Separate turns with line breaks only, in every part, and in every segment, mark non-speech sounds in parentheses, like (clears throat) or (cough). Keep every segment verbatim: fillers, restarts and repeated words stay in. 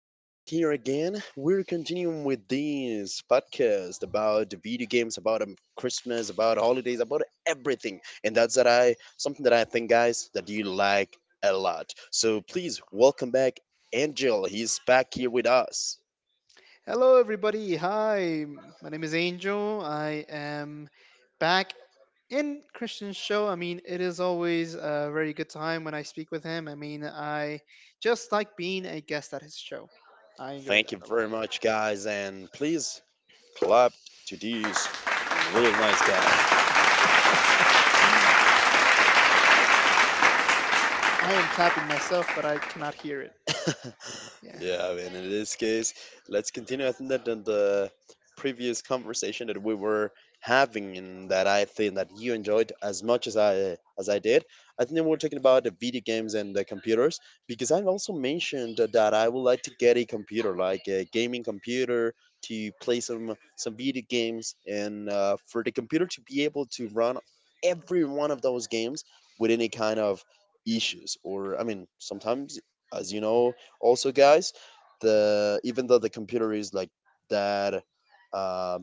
having us here again. We're continuing with this podcast about the video games, about um, Christmas, about holidays, about everything. And that's that I Something that I think, guys, that you like a lot. So please welcome back Angel. He's back here with us.
Hello, everybody. Hi, my name is Angel. I am back in Christian's show. I mean, it is always a very good time when I speak with him. I mean, I just like being a guest at his show. I enjoy
Thank
that
you
a lot.
very much, guys, and please clap to this real nice guy.
I am clapping myself, but I cannot hear it.
(laughs)
Yeah.
Yeah, I mean, in this case, let's continue. I think that the, the previous conversation that we were having, and that I think that you enjoyed as much as I as I did, I think that we're talking about the video games and the computers, because I've also mentioned that I would like to get a computer, like a gaming computer, to play some some video games, and uh, for the computer to be able to run every one of those games with any kind of issues. Or I mean, sometimes, as you know, also, guys, the, even though the computer is like that, uh,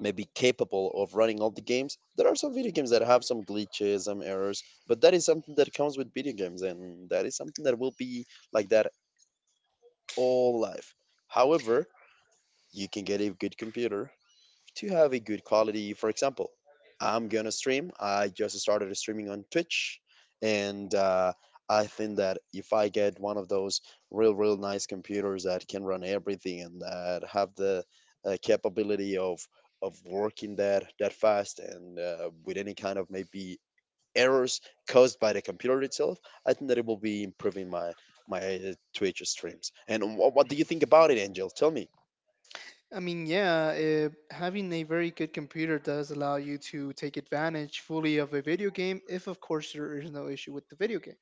maybe capable of running all the games, there are some video games that have some glitches, some errors, but that is something that comes with video games, and that is something that will be like that all life. However, you can get a good computer to have a good quality. For example, I'm gonna stream. I just started streaming on Twitch, and uh, I think that if I get one of those real, real nice computers that can run everything and that have the uh, capability of of working that that fast and uh, with any kind of maybe errors caused by the computer itself, I think that it will be improving my my uh, Twitch streams. And wh- what do you think about it, Angel? Tell me.
I mean, yeah, uh, having a very good computer does allow you to take advantage fully of a video game, if, of course, there is no issue with the video game.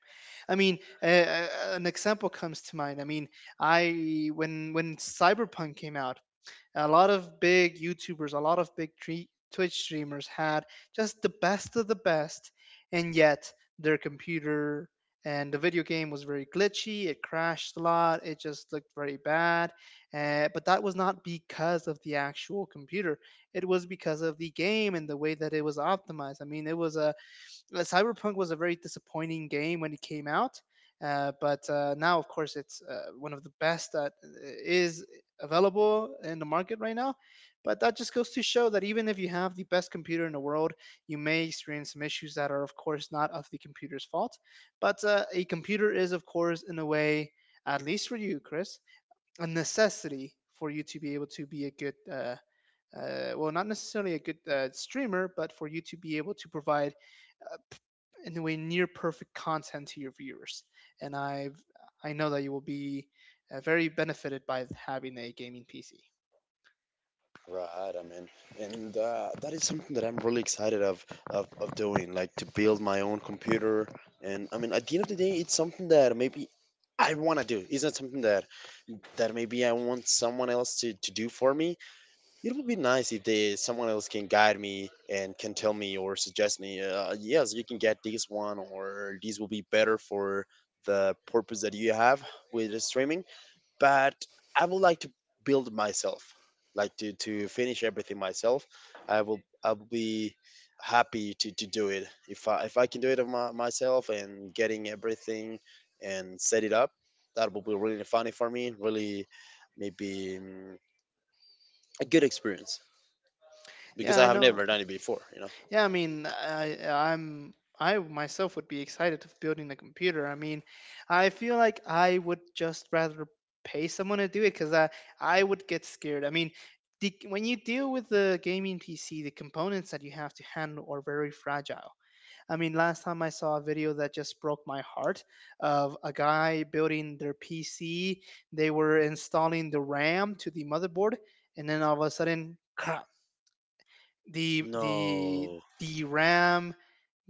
I mean, uh, uh, an example comes to mind. I mean, I when when Cyberpunk came out, a lot of big YouTubers, a lot of big tre- Twitch streamers had just the best of the best, and yet their computer and the video game was very glitchy. It crashed a lot. It just looked very bad. Uh, but that was not because of the actual computer. It was because of the game and the way that it was optimized. I mean, it was a uh, Cyberpunk was a very disappointing game when it came out, uh, but uh, now, of course, it's uh, one of the best that uh, is available in the market right now. But that just goes to show that even if you have the best computer in the world, you may experience some issues that are, of course, not of the computer's fault. But uh, A computer is, of course, in a way, at least for you, Chris, a necessity for you to be able to be a good. Uh, uh, well, not necessarily a good uh, streamer, but for you to be able to provide in a way near perfect content to your viewers. And I've I know that you will be uh, very benefited by having a gaming P C.
Right, I mean, and uh, that is something that I'm really excited of, of of doing, like to build my own computer. And I mean, at the end of the day, it's something that maybe I want to do. It's not something that that maybe I want someone else to to do for me. It would be nice if they someone else can guide me and can tell me or suggest me. Uh, yes, you can get this one, or these will be better for the purpose that you have with the streaming. But I would like to build myself, like to, to finish everything myself. I will I will be happy to, to do it if I if I can do it my, myself and getting everything and set it up. That will be really funny for me. Really, maybe mm, a good experience, because
Yeah,
I
I
have
know.
never done it before. You know.
Yeah, I mean, I, I'm I myself would be excited of building a computer. I mean, I feel like I would just rather pay someone to do it because I I would get scared. I mean. The, when you deal with the gaming P C, the components that you have to handle are very fragile. I mean, last time I saw a video that just broke my heart of a guy building their P C. They were installing the RAM to the motherboard, and then all of a sudden, crap! The the
No.
the RAM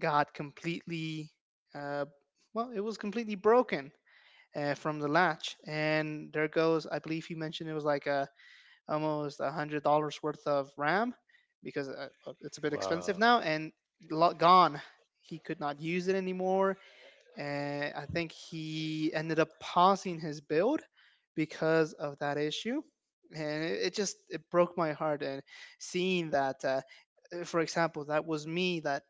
got completely, uh, well, it was completely broken uh, from the latch, and there goes. I believe you mentioned it was like a almost a hundred dollars worth of RAM because uh, uh, it's a bit expensive
Wow.
now, and gone. He could not use it anymore and I think he ended up pausing his build because of that issue. And it, it just it broke my heart. And seeing that, uh, uh, for example, that was me that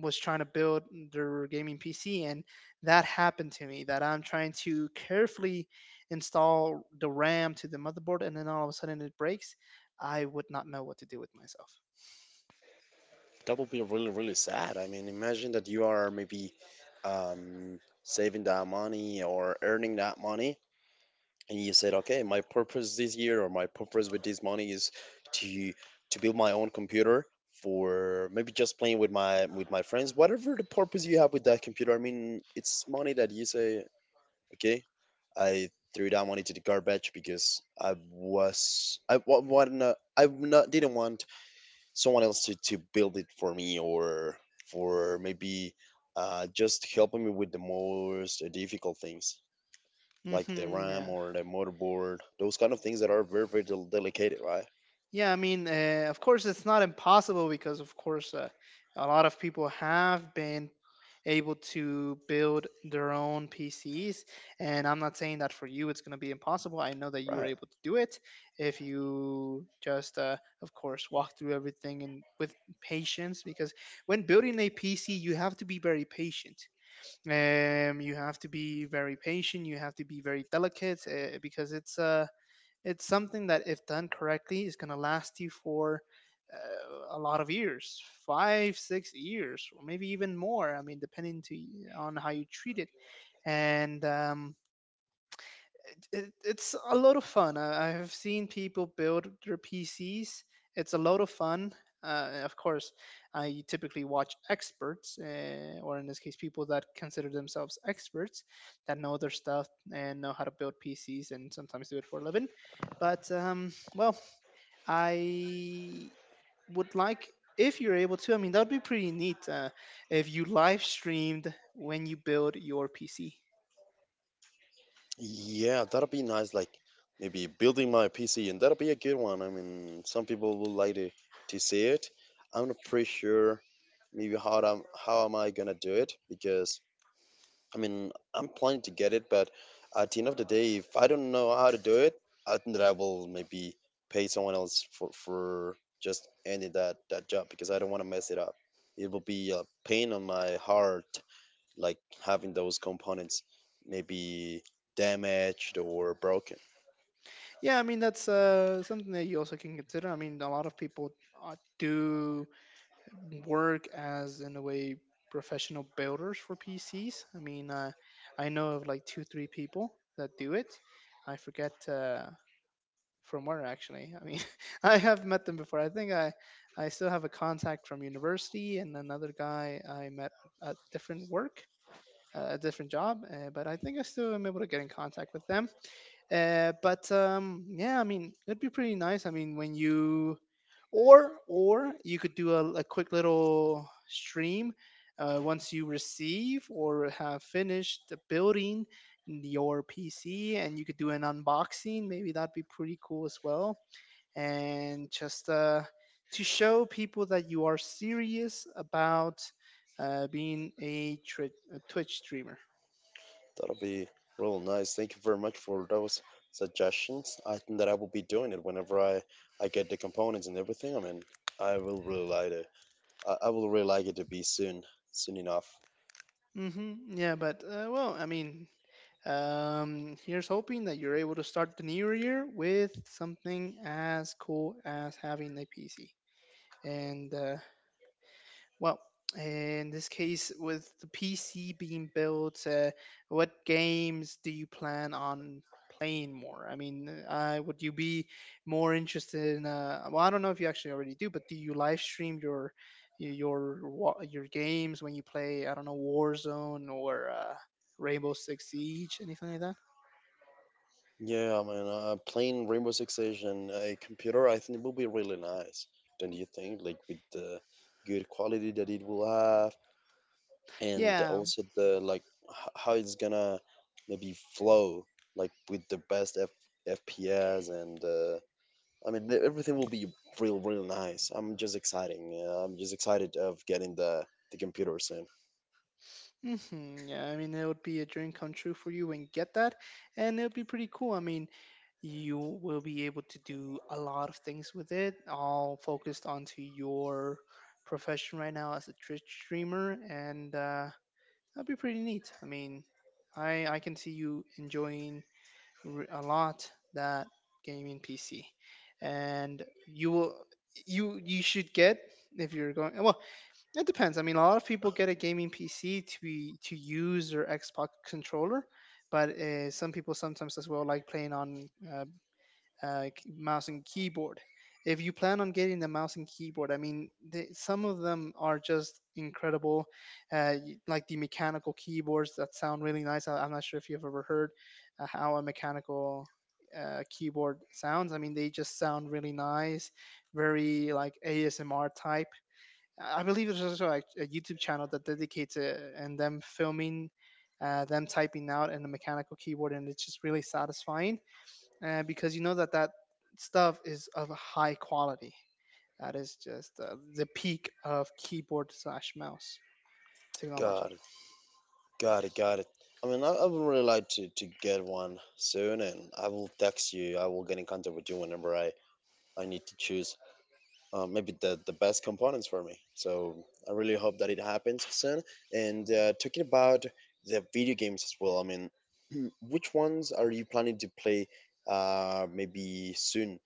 was trying to build their gaming P C, and that happened to me. That I'm trying to carefully install the RAM to the motherboard, and then all of a sudden it breaks. I would not know what to do with myself.
That would be really, really sad. I mean, imagine that you are maybe um, saving that money or earning that money, and you said, okay, my purpose this year, or my purpose with this money, is to to build my own computer for maybe just playing with my with my friends, whatever the purpose you have with that computer. I mean, it's money that you say, okay, I threw that money to the garbage because I was, I wa- wanna I not, didn't want someone else to, to build it for me, or for maybe uh, just helping me with the most difficult things, like the
Hmm
RAM
yeah.
or the motherboard, those kind of things that are very, very, del- delicate, right?
Yeah, I mean, uh, of course, it's not impossible because, of course, uh, a lot of people have been able to build their own P Cs. And I'm not saying that for you it's going to be impossible. I know that you were
Right.
able to do it if you just, uh, of course, walk through everything and with patience. Because when building a P C, you have to be very patient. Um, you have to be very patient. You have to be very delicate uh, because it's uh, it's something that, if done correctly, is going to last you for uh, a lot of years five, six years, or maybe even more. I mean, depending to, on how you treat it. And um, it, it, it's a lot of fun. I, I have seen people build their P Cs. It's a lot of fun. Uh, of course, I typically watch experts, uh, or in this case, people that consider themselves experts, that know their stuff and know how to build P Cs, and sometimes do it for a living. But um, well, I would like if you're able to. I mean, that would be pretty neat uh, if you live streamed when you build your P C.
Yeah, that'll be nice. Like maybe building my P C, and that'll be a good one. I mean, some people will like to, to see it. I'm not pretty sure maybe how I'm, how am I gonna do it, because I mean, I'm planning to get it, but at the end of the day, if I don't know how to do it, I think that I will maybe pay someone else for for just ending that that job, because I don't want to mess it up. It will be a pain on my heart, like having those components maybe damaged or broken.
Yeah, I mean that's uh, something that you also can consider. I mean, a lot of people uh, do work as in a way professional builders for P Cs. I mean, uh, I know of like two, three people that do it. I forget uh, from where actually. I mean, (laughs) I have met them before. I think I I still have a contact from university and another guy I met at different work, uh, a different job. Uh, but I think I still am able to get in contact with them. Uh, but um, Yeah, I mean, it'd be pretty nice. I mean, when you or or you could do a, a quick little stream uh, once you receive or have finished the building your P C, and you could do an unboxing. Maybe that'd be pretty cool as well. And just uh, to show people that you are serious about uh, being a, tri- a Twitch streamer.
That'll be real nice. Thank you very much for those suggestions. I think that I will be doing it whenever I I get the components and everything. I mean, I will really like it. I, I will really like it to be soon, soon enough.
hmm Yeah, but uh, well, I mean, Um, here's hoping that you're able to start the new year with something as cool as having a P C. And uh, well, in this case, with the P C being built, uh, what games do you plan on playing more? I mean, uh, would you be more interested in? Uh, well, I don't know if you actually already do, but do you live stream your your wa- your games when you play? I don't know Warzone or uh, Rainbow Six Siege, anything like that?
Yeah, I mean, uh, playing Rainbow Six Siege on a computer, I think it will be really nice. Don't you think? Like with the good quality that it will have, and
Yeah.
also the, like, h- how it's gonna maybe flow, like with the best F- FPS, and uh, I mean, the- everything will be real, real nice. I'm just exciting. Uh, I'm just excited of getting the the computer soon.
hmm Yeah. I mean, it would be a dream come true for you and get that. And it would be pretty cool. I mean, you will be able to do a lot of things with it, all focused onto your profession right now as a Twitch streamer. And uh, that'd be pretty neat. I mean, I, I can see you enjoying r- a lot that gaming P C. And you will, you, you should get, if you're going, well, it depends. I mean, a lot of people get a gaming P C to be to use their Xbox controller, but uh, some people sometimes as well like playing on uh, uh, k- mouse and keyboard. If you plan on getting the mouse and keyboard, I mean, the, some of them are just incredible, uh, y- like the mechanical keyboards that sound really nice. I, I'm not sure if you've ever heard uh, how a mechanical uh, keyboard sounds. I mean, they just sound really nice, very like A S M R type. I believe there's also a, a YouTube channel that dedicates it and them filming, uh, them typing out in a mechanical keyboard, and it's just really satisfying uh, because you know that that stuff is of high quality. That is just uh, the peak of keyboard slash mouse technology.
God, got it, got it. I mean, I, I would really like to, to get one soon, and I will text you. I will get in contact with you whenever I, I need to choose um, maybe the, the best components for me. So I really hope that it happens soon. And uh, talking about the video games as well, I mean, (clears throat) which ones are you planning to play uh, maybe soon?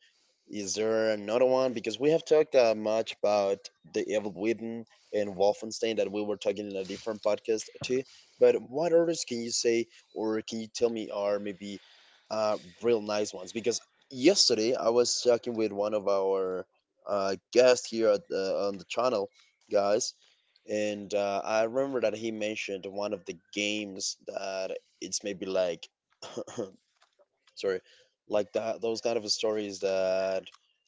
Is there another one? Because we have talked uh, much about the Evil Within and Wolfenstein, that we were talking in a different podcast too. But what others can you say, or can you tell me are maybe uh, real nice ones? Because yesterday I was talking with one of our uh, guest here at the, on the channel, guys. And uh, I remember that he mentioned one of the games that it's maybe like, (clears throat) sorry, like that, those kind of stories that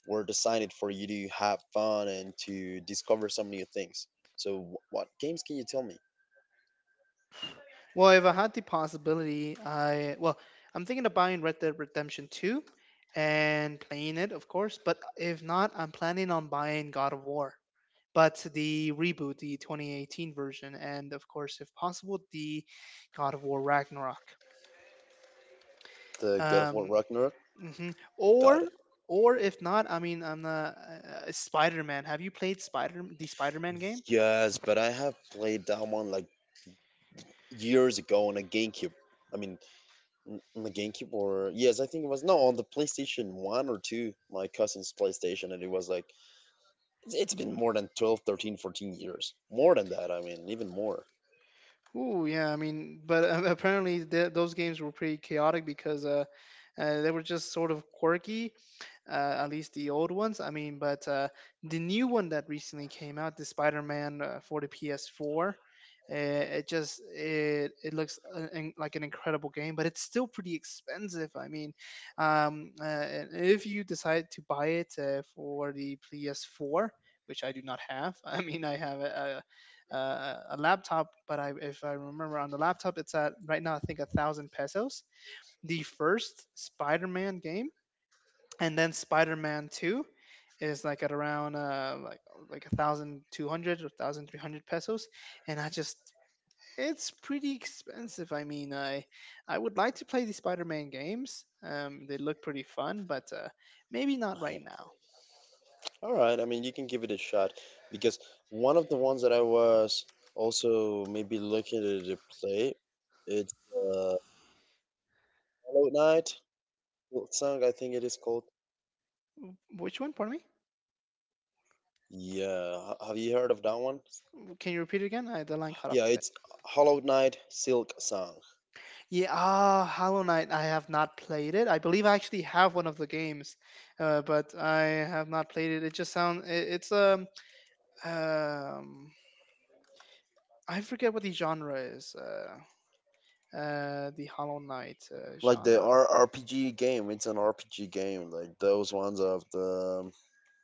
were designed for you to have fun and to discover some new things. So, wh- what games can you tell me?
Well, if I had the possibility, I well, I'm thinking of buying Red Dead Redemption two and playing it, of course. But if not, I'm planning on buying God of War but the reboot, the twenty eighteen version, and of course, if possible, the God of War Ragnarok.
The God of War
Um,
Ragnarok.
mhm.
Got
Or,
it.
or if not, I mean, I'm not uh, uh, Spider-Man. Have you played Spider the Spider-Man game?
Yes, but I have played that one like years ago on a GameCube. I mean, N- On the GameCube or yes, I think it was, no, on the PlayStation one or two, my cousin's PlayStation, and it was like, it's, it's been more than twelve, thirteen, fourteen years. More than that, I mean, even more.
Ooh, yeah. I mean, but uh, apparently th those games were pretty chaotic because uh, uh, they were just sort of quirky uh, at least the old ones. I mean, but uh, the new one that recently came out, the Spider-Man uh, for the P S four, uh, it just it it looks uh, in- like an incredible game, but it's still pretty expensive. I mean, um, uh, and if you decide to buy it uh, for the P S four, which I do not have. (laughs) I mean, I have a, a, a a laptop, but I, if I remember on the laptop, it's at right now I think a thousand pesos. The first Spider-Man game and then Spider-Man two is like at around uh like like a thousand two hundred or thousand three hundred pesos, and I just, it's pretty expensive. I mean, i I would like to play the Spider-Man games. Um they look pretty fun, but uh maybe not right
(laughs)
now.
All right, I mean, you can give it a shot, because one of the ones that I was also maybe looking to play, it's uh, Hollow Knight song, I think it is called.
Which one pardon me
Yeah, ha- have you heard of that one?
can you repeat it again? I, the line cut off
Yeah,
a bit.
it's Hollow Knight Silk Song.
Yeah. ah Hollow Knight, I have not played it. I believe I actually have one of the games, uh, but I have not played it. It just sounds, it, it's um um I forget what the genre is. Uh, uh, the Hollow Knight uh,
Like the
genre.
R- RPG game, it's an R P G game. Like those ones of the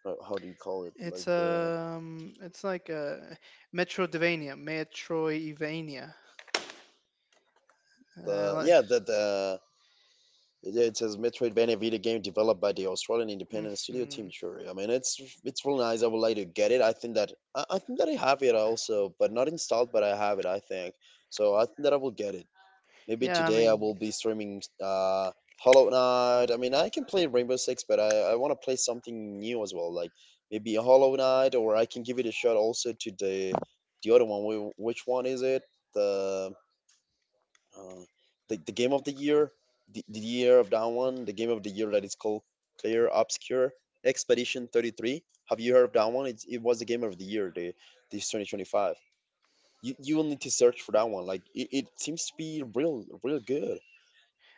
uh, how do you call it?
It's
Like the
um, it's like a Metroidvania, Metroidvania. Uh,
the
like,
yeah the the yeah, it says Metroidvania video game developed by the Australian independent studio Team
hmm
Cherry. I mean, it's it's really nice. I would like to get it. I think that I, I think that I have it also, but not installed. But I have it. I think so. I think that I will get it. Maybe
yeah, I
today I
mean,
will be streaming uh, Hollow Knight. I mean, I can play Rainbow Six, but I, I want to play something new as well, like maybe a Hollow Knight, or I can give it a shot also to the the other one. Wh- Which one is it? The uh, the, the game of the year, the, the year of that one, the game of the year that is called Clear Obscure Expedition thirty-three. Have you heard of that one? It's, it was the game of the year, the this twenty twenty-five. You, you will need to search for that one. Like it, it seems to be real, real good.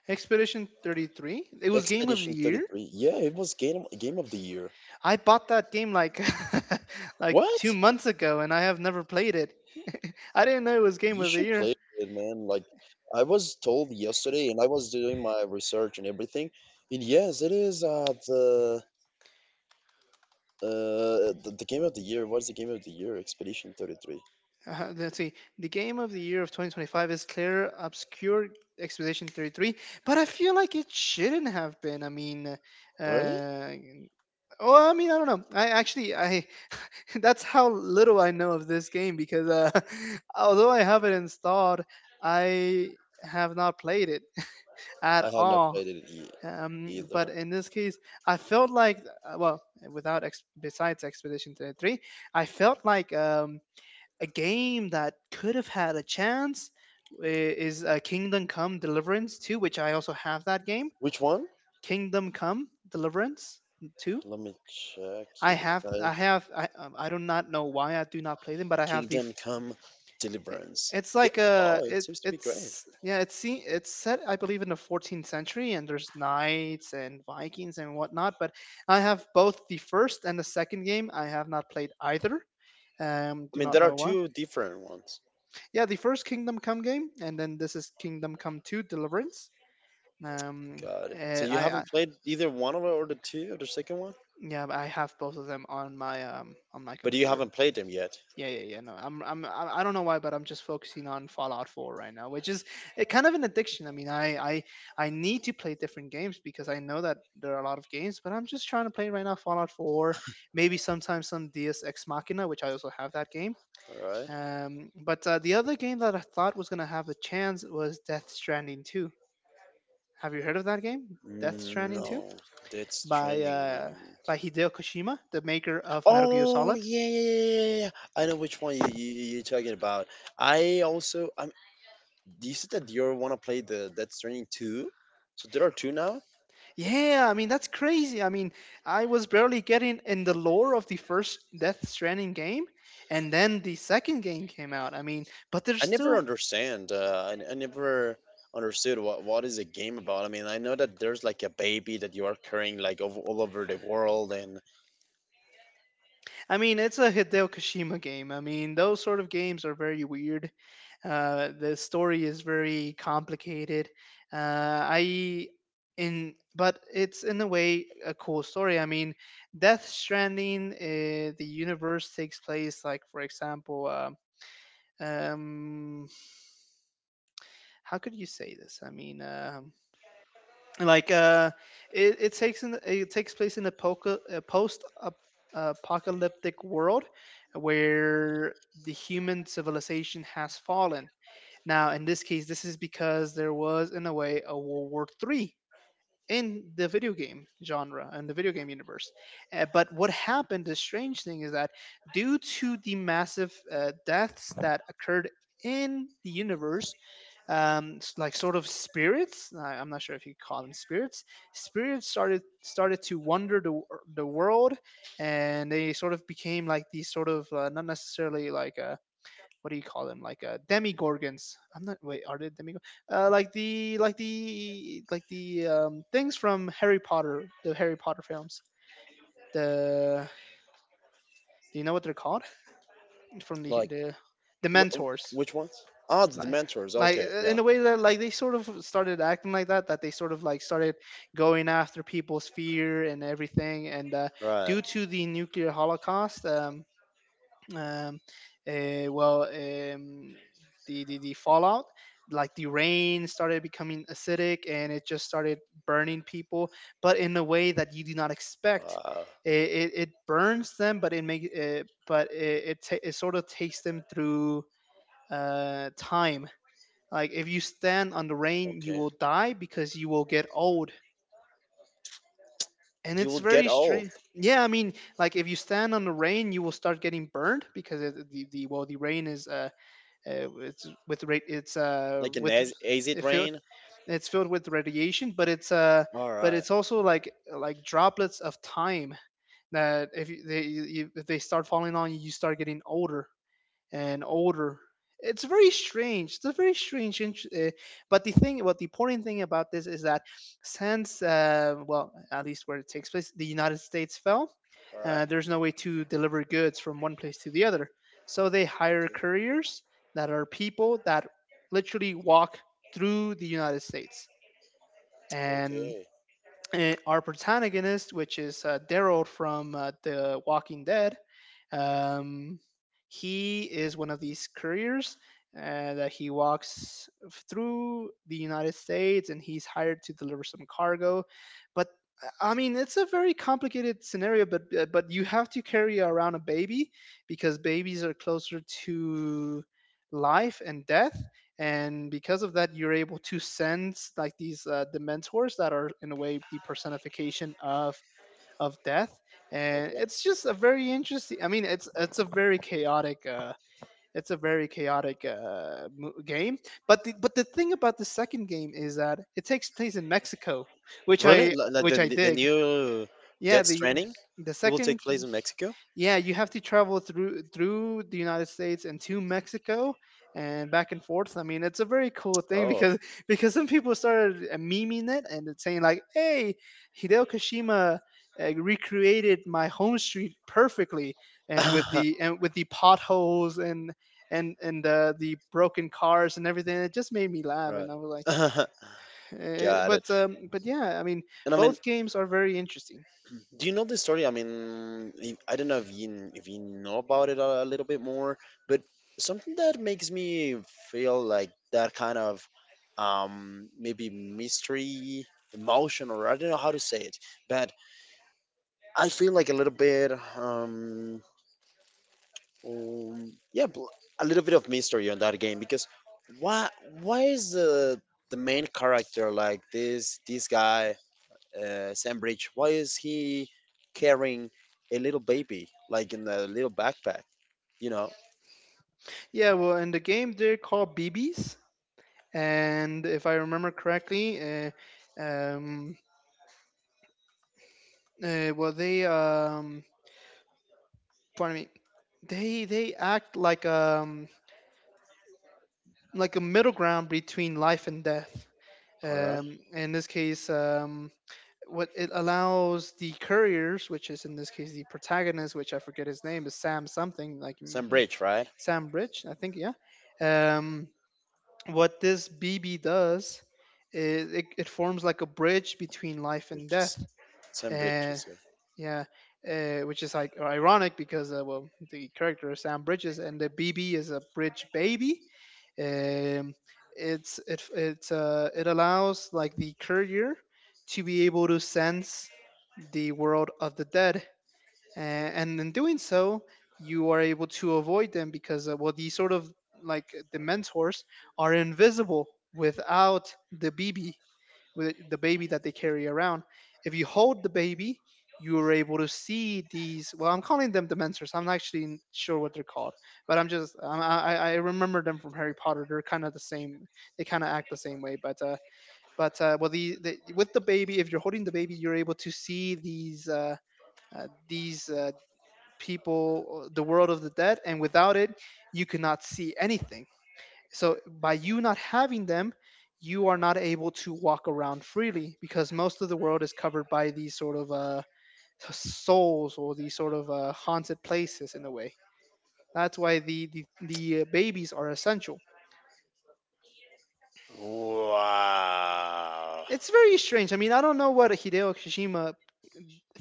Expedition thirty-three. It was Game of the
Expedition
Year.
thirty-three. Yeah, it was game game of the year.
I bought that game like (laughs) like two
What?
months ago, and I have never played it. (laughs) I didn't know it was Game
You
of the
should
Year.
play it, man. Like I was told yesterday, and I was doing my research and everything. And yes, it is uh the uh the, the game of the year. What is the game of the year? Expedition thirty-three.
Uh, let's see. The game of the year of twenty twenty-five is Clear Obscure Expedition thirty-three, but I feel like it shouldn't have been. I mean,
Really?
uh, oh, I mean, I don't know. I actually, I (laughs) that's how little I know of this game because uh, (laughs) although I have it installed, I have not played it (laughs) at
I have not
all.
played it e-
Um, but
either.
in this case, I felt like, uh, well, without ex- besides Expedition thirty-three, I felt like um, a game that could have had a chance i- is uh, Kingdom Come Deliverance two, which I also have that game.
Which one?
Kingdom Come Deliverance two.
Let me check
I
here because
have,
I
I have, I, um, I do not know why I do not play them, but I have the.
Kingdom
f-
Come
i-
Deliverance.
It's
Yeah.
like a,
Oh, it
it,
seems to be great.
it's yeah, it's se- it's set, I believe, in the fourteenth century, and there's knights and Vikings and whatnot. But I have both the first and the second game. I have not played either. Um,
I
do
mean,
not
there are
know why.
two different ones.
Yeah, the first Kingdom Come game, and then this is Kingdom Come two Deliverance. Um,
Got it. So
eh,
you
I, I
haven't played either one of it, or the two, or the second one,
Yeah, I have both of them on my um on my
but you
computer.
haven't played them yet.
Yeah, yeah, yeah. No, I'm I'm I I don't know why, but I'm just focusing on Fallout four right now, which is eh, kind of an addiction. I mean, I I I need to play different games because I know that there are a lot of games, but I'm just trying to play right now Fallout four, maybe sometimes some Deus Ex Machina, which I also have that game.
All right.
Um, but uh, The other game that I thought was gonna have a chance was Death Stranding two. Have you heard of that game? Death
Mm,
Stranding two
no, that's
by
training. I
uh,
mean,
by Hideo Kojima, the maker of Metal Gear
oh
Solid.
yeah, yeah, yeah, yeah, yeah, yeah. I know which one you you you- are talking about. I also I'm. Do you said that you want to play the that's training two? So there are two now.
Yeah, I mean that's crazy. I mean, I was barely getting in the lore of the first Death Stranding game, and then the second game came out. I mean, but they're
I never
still.
understand. Uh, I, I never understood what what is a game about. I mean, I know that there's like a baby that you are carrying like over all over the world and
I mean, it's a Hideo Kojima game. I mean, those sort of games are very weird. Uh, the story is very complicated. Uh, I in But it's in a way a cool story. I mean, Death Stranding, uh, the universe takes place like, for example, um, um, how could you say this? I mean, um like uh it, it takes in it takes place in a, poca, a post uh, apocalyptic world where the human civilization has fallen. Now in this case this is because there was in a way a World War Three in the video game genre and the video game universe. Uh, but what happened, the strange thing is that due to the massive uh, deaths that occurred in the universe, um, like sort of spirits, I, I'm not sure if you call them spirits, spirits started started to wander the, the world, and they sort of became like these sort of uh, not necessarily like uh, what do you call them, like uh demigorgons. I'm not, wait, are they demigorgons, uh like the like the like the um things from Harry Potter, the Harry Potter films, the do you know what they're called, from the
like.
the the
Wh-
mentors.
which ones? Ah, the
like
mentors.
like
Okay,
uh, in
yeah,
a way that like they sort of started acting like that, that they sort of like started going after people's fear and everything, and uh
right.
due to the nuclear holocaust, um um, uh, well, um, the, the the fallout, like the rain started becoming acidic and it just started burning people, but in a way that you do not expect.
Uh,
It, it, it burns them, but it make it, but it it, ta- it sort of takes them through uh, time. Like if you stand on the rain, you
okay.
will die because you will get old, and
You
it's
will get
very
old,
strange. Yeah, I mean, like if you stand on the rain, you will start getting burned because it, the, the well the rain is uh, uh, it's with ra- it's uh
like an
with
az- acid
it filled
rain.
it's filled with radiation, but it's uh
All
but
right,
it's also like like droplets of time that if you, they you, if they start falling on you, you start getting older and older. It's very strange. It's a very strange. Int- Uh, but the thing, what the important thing about this is that since, uh, well, at least where it takes place, the United States fell.
all right.
Uh, there's no way to deliver goods from one place to the other, so they hire couriers that are people that literally walk through the United States, and
Okay,
uh, our protagonist, which is uh, Daryl from uh, The Walking Dead, um, he is one of these couriers uh, that he walks through the United States and he's hired to deliver some cargo. But I mean, it's a very complicated scenario, but uh, but you have to carry around a baby because babies are closer to life and death, and because of that you're able to send like these uh, dementors that are in a way the personification of of death. And
okay.
it's just a very interesting, I mean it's it's a very chaotic uh it's a very chaotic uh, game, but the, but the thing about the second game is that it takes place in Mexico, which
Really?
I
Li- Like
which
the
I
the
dig.
new
Yeah,
Death
the
Stranding,
the
it will take
second
place in Mexico.
yeah, you have to travel through through the United States and to Mexico and back and forth. I mean, it's a very cool thing (laughs)
Oh,
because because some people started uh, memeing it and it's saying like, "Hey, Hideo Kashima uh, recreated my home street perfectly and with
(laughs)
the and with the potholes and and and uh, the broken cars and everything." It just made me laugh,
right.
and I was like,
(laughs)
eh,
Got it.
"But um, but yeah, I mean,
And I mean,
both games are very interesting."
do you know this story? I mean, if- I don't know if you if you know about it a little bit more, but something that makes me feel like that kind of um, maybe mystery, emotion, or I don't know how to say it, but I feel like a little bit, um, um, yeah, bl- a little bit of mystery on that game because why why is the the main character like this this guy, uh, Sam Bridge, why is he carrying a little baby like in a little backpack? You know,
Yeah, well, in the game they're called B Bs, and if I remember correctly, uh, um, uh, well, they um, pardon me, they they act like um like a middle ground between life and death.
all right,
Um, in this case, um, what it allows the couriers, which is in this case the protagonist, which I forget his name, is Sam something like mm,
Sam
uh,
Bridge, right?
Sam Bridge, I think, yeah. Um, what this B B does is it, it forms like a bridge between life and
It's
death.
just Sam Bridge
Uh,
is.
Yeah, uh, which is like ironic because uh, well, the character is Sam Bridges and the B B is a bridge baby. Um, it's it it's uh, it allows like the courier to be able to sense the world of the dead a- and in doing so you are able to avoid them because uh, well these sort of like the mentors are invisible without the baby. With the baby that they carry around, if you hold the baby you are able to see these, well I'm calling them the mentors, I'm not actually sure what they're called, but I'm just i i i I remember them from Harry Potter. They're kind of the same, they kind of act the same way, but uh but uh well the, the, with the baby, if you're holding the baby you're able to see these uh uh, these uh, people, the world of the dead, and without it you cannot see anything. So by you not having them you are not able to walk around freely because most of the world is covered by these sort of uh, souls or these sort of uh, haunted places in a way. That's why the the, the uh, babies are essential.
Wow.
It's very strange. I mean, I don't know what Hideo Kojima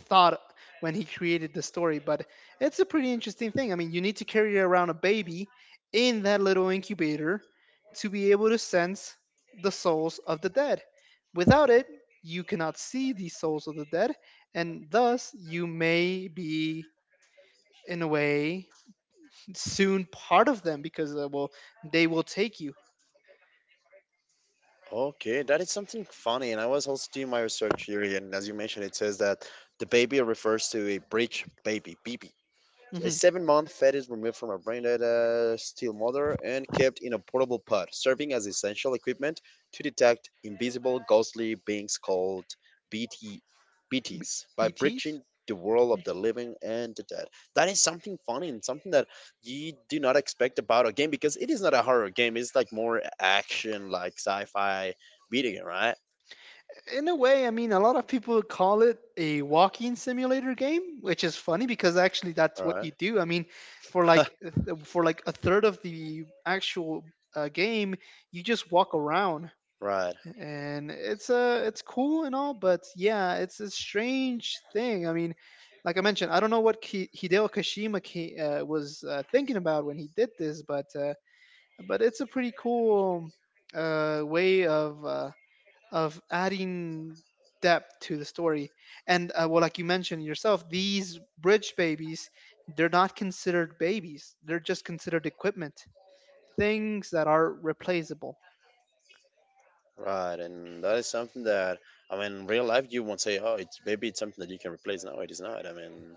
thought when he created the story, but it's a pretty interesting thing. I mean, you need to carry around a baby in that little incubator to be able to sense the souls of the dead. Without it, you cannot see the souls of the dead, and thus you may be, in a way, soon part of them because, uh, well, they will take you.
Okay, that is something funny. And I was also doing my research here, and as you mentioned, it says that the baby refers to a bridge baby, B B. A
Hmm.
seven month fat is removed from a branded uh, steel motor and kept in a portable pod, serving as essential equipment to detect invisible ghostly beings called BT, B Ts, by
B Ts?
breaching the world of the living and the dead. That is something funny and something that you do not expect about a game because it is not a horror game. It's like more action, like sci fi video game, right?
In a way, I mean, a lot of people call it a walking simulator game, which is funny because actually that's
All
what
right.
you do. I mean, for like th- for like a third of the actual uh, game, you just walk around,
(laughs) Right.
and it's uh it's cool and all, but yeah, it's a strange thing. I mean, like I mentioned, I don't know what Ki- Hideo Kashima ki- uh, was uh, thinking about when he did this, but uh, but it's a pretty cool uh, way of. Uh, of adding depth to the story. And uh, well, like you mentioned yourself, these bridge babies, they're not considered babies. They're just considered equipment, things that are replaceable.
Right, and that is something that, I mean, in real life, you won't say, "Oh, it's maybe it's something that you can replace." No, it is not. I mean,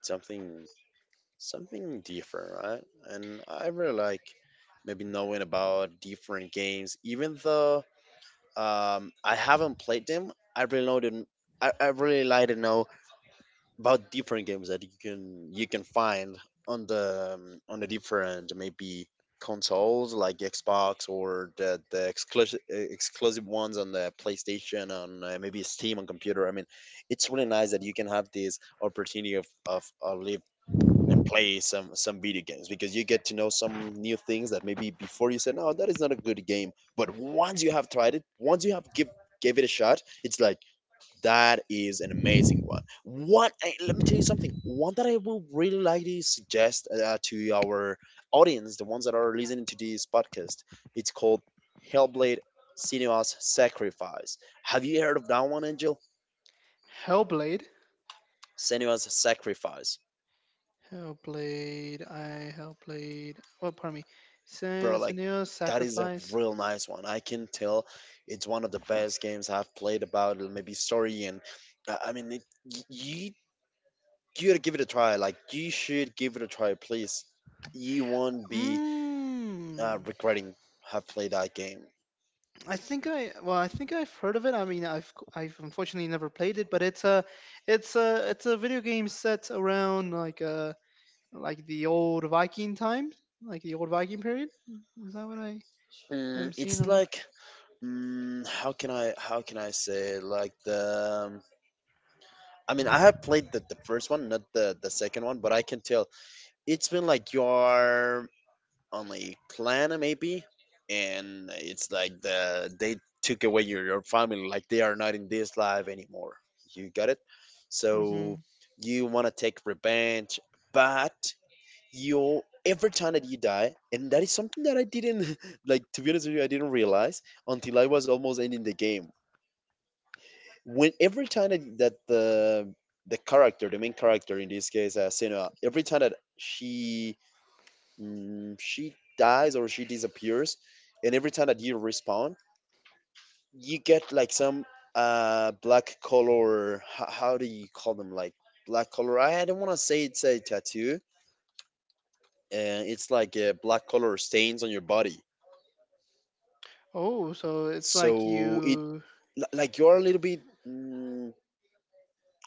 something, something different, right? And I really like maybe knowing about different games, even though um, I haven't played them. I really know them. I, I really like to know about different games that you can you can find on the um, on the different maybe consoles like Xbox or the the exclusive exclusive ones on the PlayStation, on uh, maybe Steam on computer. I mean, it's really nice that you can have this opportunity of of, of live and play some some video games because you get to know some new things that maybe before you said no, that is not a good game, but once you have tried it, once you have give gave it a shot, it's like that is an amazing one. One, eh, let me tell you something. One that I would really like to suggest uh, to our audience, the ones that are listening to this podcast, it's called Hellblade: Senua's Sacrifice. Have you heard of that one, Angel?
Hellblade,
Senua's Sacrifice,
Hellblade, I Hellblade. Oh, pardon me.
bro.
Sen-
Like,
Senua's
that is a
Sacrifice.
real nice one. I can tell it's one of the best games I've played about. Maybe story and, uh, I mean, it, y- you, you gotta give it a try. Like, you should give it a try, please. You won't be uh,
Mm,
regretting have played that game.
I think I well, I think I've heard of it. I mean, I've I've unfortunately never played it, but it's a it's a it's a video game set around like a like the old Viking time, like the old Viking period. Is that what I am
Mm,
seeing
it's
on?
like, mm, how can I how can I say it? Like the, um, I mean I have played the, the first one, not the the second one, but I can tell it's been like you are only clan, uh, maybe, and it's like the they took away your, your family, like they are not in this life anymore. You got it.
My... hmm
So you want to take revenge, but you, every time that you die, and that is something that I didn't (laughs) like, to be honest with you, I didn't realize until I was almost ending the game, when every time that, that the the character the main character, in this case, uh, Senua, every time that she, mm, she dies or she disappears, and every time that you respawn, you get like some, uh black color. How, how do you call them? Like black color. I don't want to say it's a tattoo. Uh, it's like a black color stains on your body.
Oh, so it's like
So it
you
li- like you're a little bit. Mm,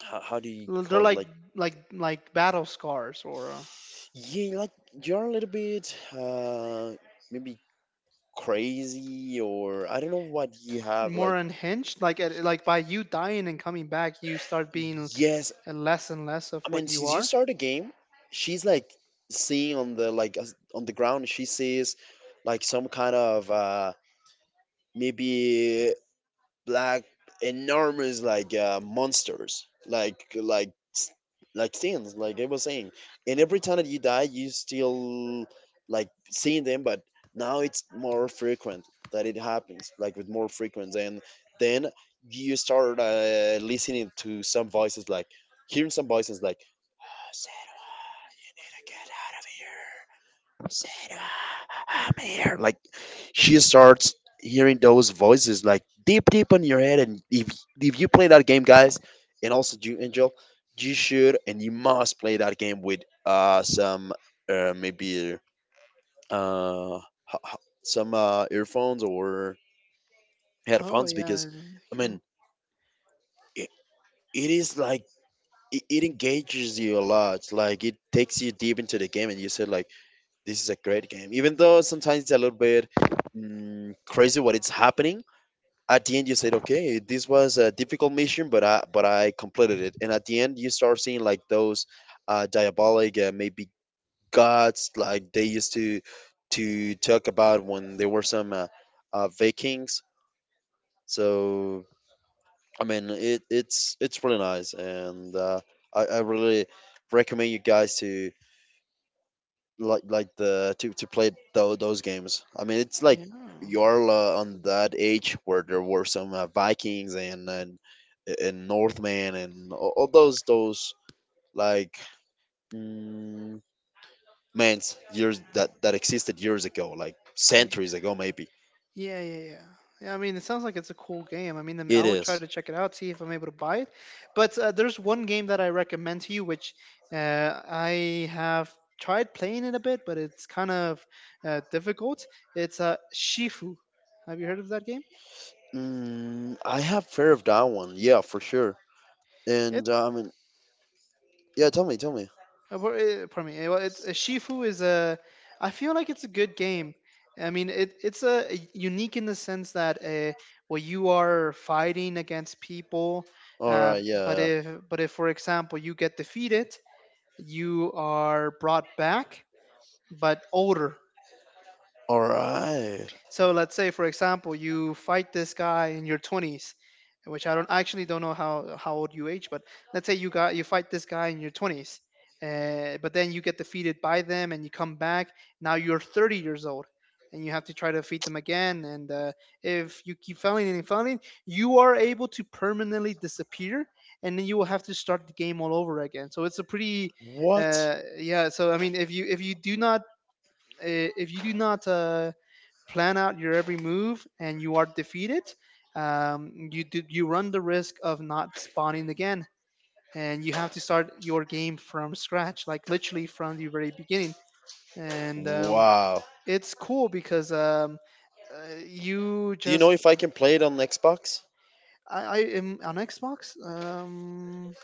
how, how do you
they're
call it?
like
Like,
like like battle scars or uh,
yeah, like you're a little bit, uh maybe crazy, or I don't know what you have
more
like.
unhinged. Like at, like by you dying and coming back, you start being
Yes,
less and less of
I
what
mean,
you
since you
are.
start the game, she's like seeing on the, like as- on the ground. She sees like some kind of, uh, maybe black enormous, like uh, monsters, like like s- like things, like I was saying, and every time that you die, you still like seeing them, but now it's more frequent that it happens, like with more frequency, and then you start uh, listening to some voices, like hearing some voices, like, "Get out of here, Sarah. I'm here," like. She starts hearing those voices like deep deep in your head, and if, if you play that game, guys, and also you, Angel, you should and you must play that game with uh some, uh maybe, uh h- h- some uh earphones or
Oh
headphones, because
yeah,
I mean,
cool.
it, it is like it, it engages you a lot, like it takes you deep into the game, and you said like, this is a great game, even though sometimes it's a little bit, mm, crazy what it's happening. At the end, you said, "Okay, this was a difficult mission, but I but I completed it." And at the end, you start seeing like those uh, diabolic, uh, maybe gods, like they used to to talk about when there were some, uh, uh, Vikings. So I mean, it, it's it's really nice, and, uh, I, I really recommend you guys to like like the, to to play tho- those games. I mean, it's like
Yeah.
you're uh, on that age where there were some, uh, Vikings and, and and Northmen, and all, all those those like, mm, mans years that that existed years ago, like
Yeah,
centuries ago maybe.
yeah, yeah, yeah. Yeah, I mean, it sounds like it's a cool game. I mean, I'm- I
It
would try
is.
to check it out, see if I'm able to buy it. But uh, there's one game that I recommend to you, which uh, I have tried playing it a bit, but it's kind of uh, difficult. It's uh, Shifu. Have you heard of that game?
Mm, I have fear of that one. Yeah, for sure. And uh, I mean, yeah. Tell me, tell me.
Uh, for, uh, pardon me. uh, Well, it's, uh, Shifu is a. I feel like it's a good game. I mean, it, it's a unique in the sense that uh, well, you are fighting against people,
All
uh,
right. Yeah. Yeah.
but
Yeah.
if but if, for example, you get defeated, you are brought back, but older.
All right.
So let's say, for example, you fight this guy in your twenties, which I don't I actually don't know how how old you age, but let's say you got you fight this guy in your twenties, uh, but then you get defeated by them and you come back. Now you're thirty years old, and you have to try to defeat them again. And uh, if you keep failing and failing, you are able to permanently disappear, and then you will have to start the game all over again. So it's a pretty,
What?
uh, yeah. So I mean, if you if you do not uh, if you do not uh, plan out your every move and you are defeated, um, you do, you run the risk of not spawning again, and you have to start your game from scratch, like literally from the very beginning. And um,
Wow.
it's cool because um, uh, you
Do you know
just
if I can play it on Xbox?
I, I am on Xbox. Um,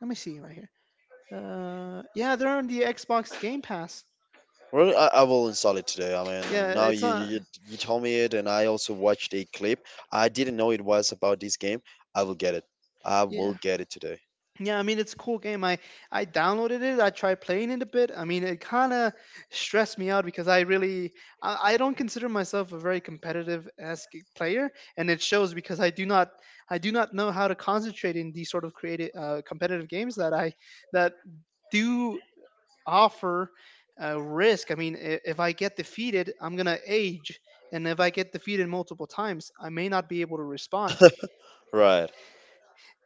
let me see right here. Uh, yeah, they're on the Xbox Game Pass.
Well, I, I will install it today. I mean,
Yeah,
now
it's
you, you
on.
you told me it, and I also watched a clip. I didn't know it was about this game. I will get it. I will
Yeah.
get it today.
Yeah, I mean it's a cool game. I I downloaded it. I tried playing it a bit. I mean it kind of stressed me out because I really I, I don't consider myself a very competitive esque player, and it shows because I do not I do not know how to concentrate in these sort of creative uh, competitive games that I that do offer uh, risk. I mean I- if I get defeated, I'm gonna age, and if I get defeated multiple times, I may not be able to respond
(laughs) Right.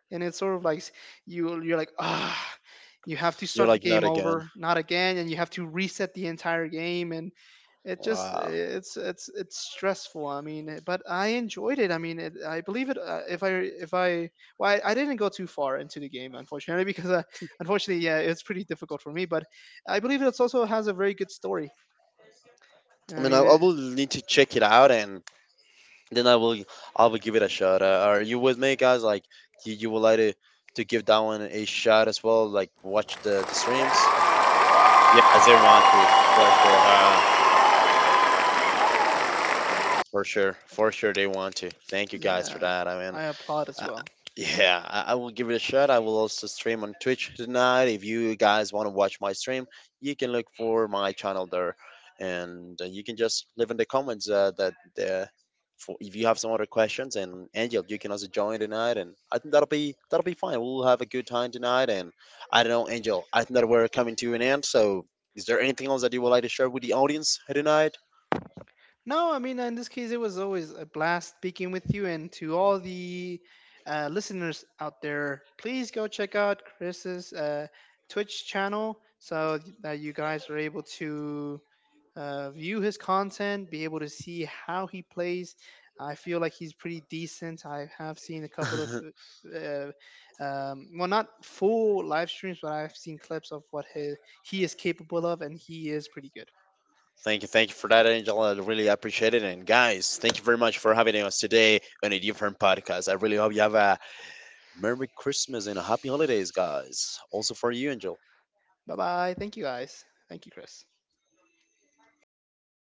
and it's sort of like s- you you're like ah you have to
You're
start the
like not
game
again.
over not again and you have to reset the entire game and it just
Wow.
it's it's it's stressful. I mean eh, but I enjoyed it. I mean it, I believe it uh, if i if I Well I, I didn't go too far into the game unfortunately (laughs) because uh, unfortunately yeah it's pretty difficult for me but I believe it also has a very good story.
I
I
mean, I,
mean
I
it,
will need to check it out, and then I will, I will give it a shot. Uh, are you with me, guys? Like, you, you would like to to give that one a shot as well? Like, watch the the streams. Yeah, as they want to, for sure. (laughs) For sure, for sure they want to. Thank you guys for
yeah
that. I mean,
I applaud as
uh,
well.
yeah, I, I will give it a shot. I will also stream on Twitch tonight. If you guys want to watch my stream, you can look for my channel there, and uh, you can just leave in the comments uh, that the for, if you have some other questions. And Angel, you can also join tonight, and I think that'll be that'll be fine. We'll have a good time tonight. And I don't know, Angel, I think that we're coming to an end. So, is there anything else that you would like to share with the audience tonight?
No, I mean, in this case, it was always a blast speaking with you. And to all the uh, listeners out there, please go check out Chris's uh, Twitch channel so that you guys are able to uh, view his content, be able to see how he plays. I feel like he's pretty decent. I have seen a couple of.
(laughs)
Uh, um, well, not full live streams, but I've seen clips of what he, he is capable of, and he is pretty good.
Thank you, thank you for that, Angela. I really appreciate it. And guys, thank you very much for having us today on a different podcast. I really hope you have a Merry Christmas and a Happy Holidays, guys. Also for you, Angel.
Bye bye. Thank you guys. Thank you, Chris.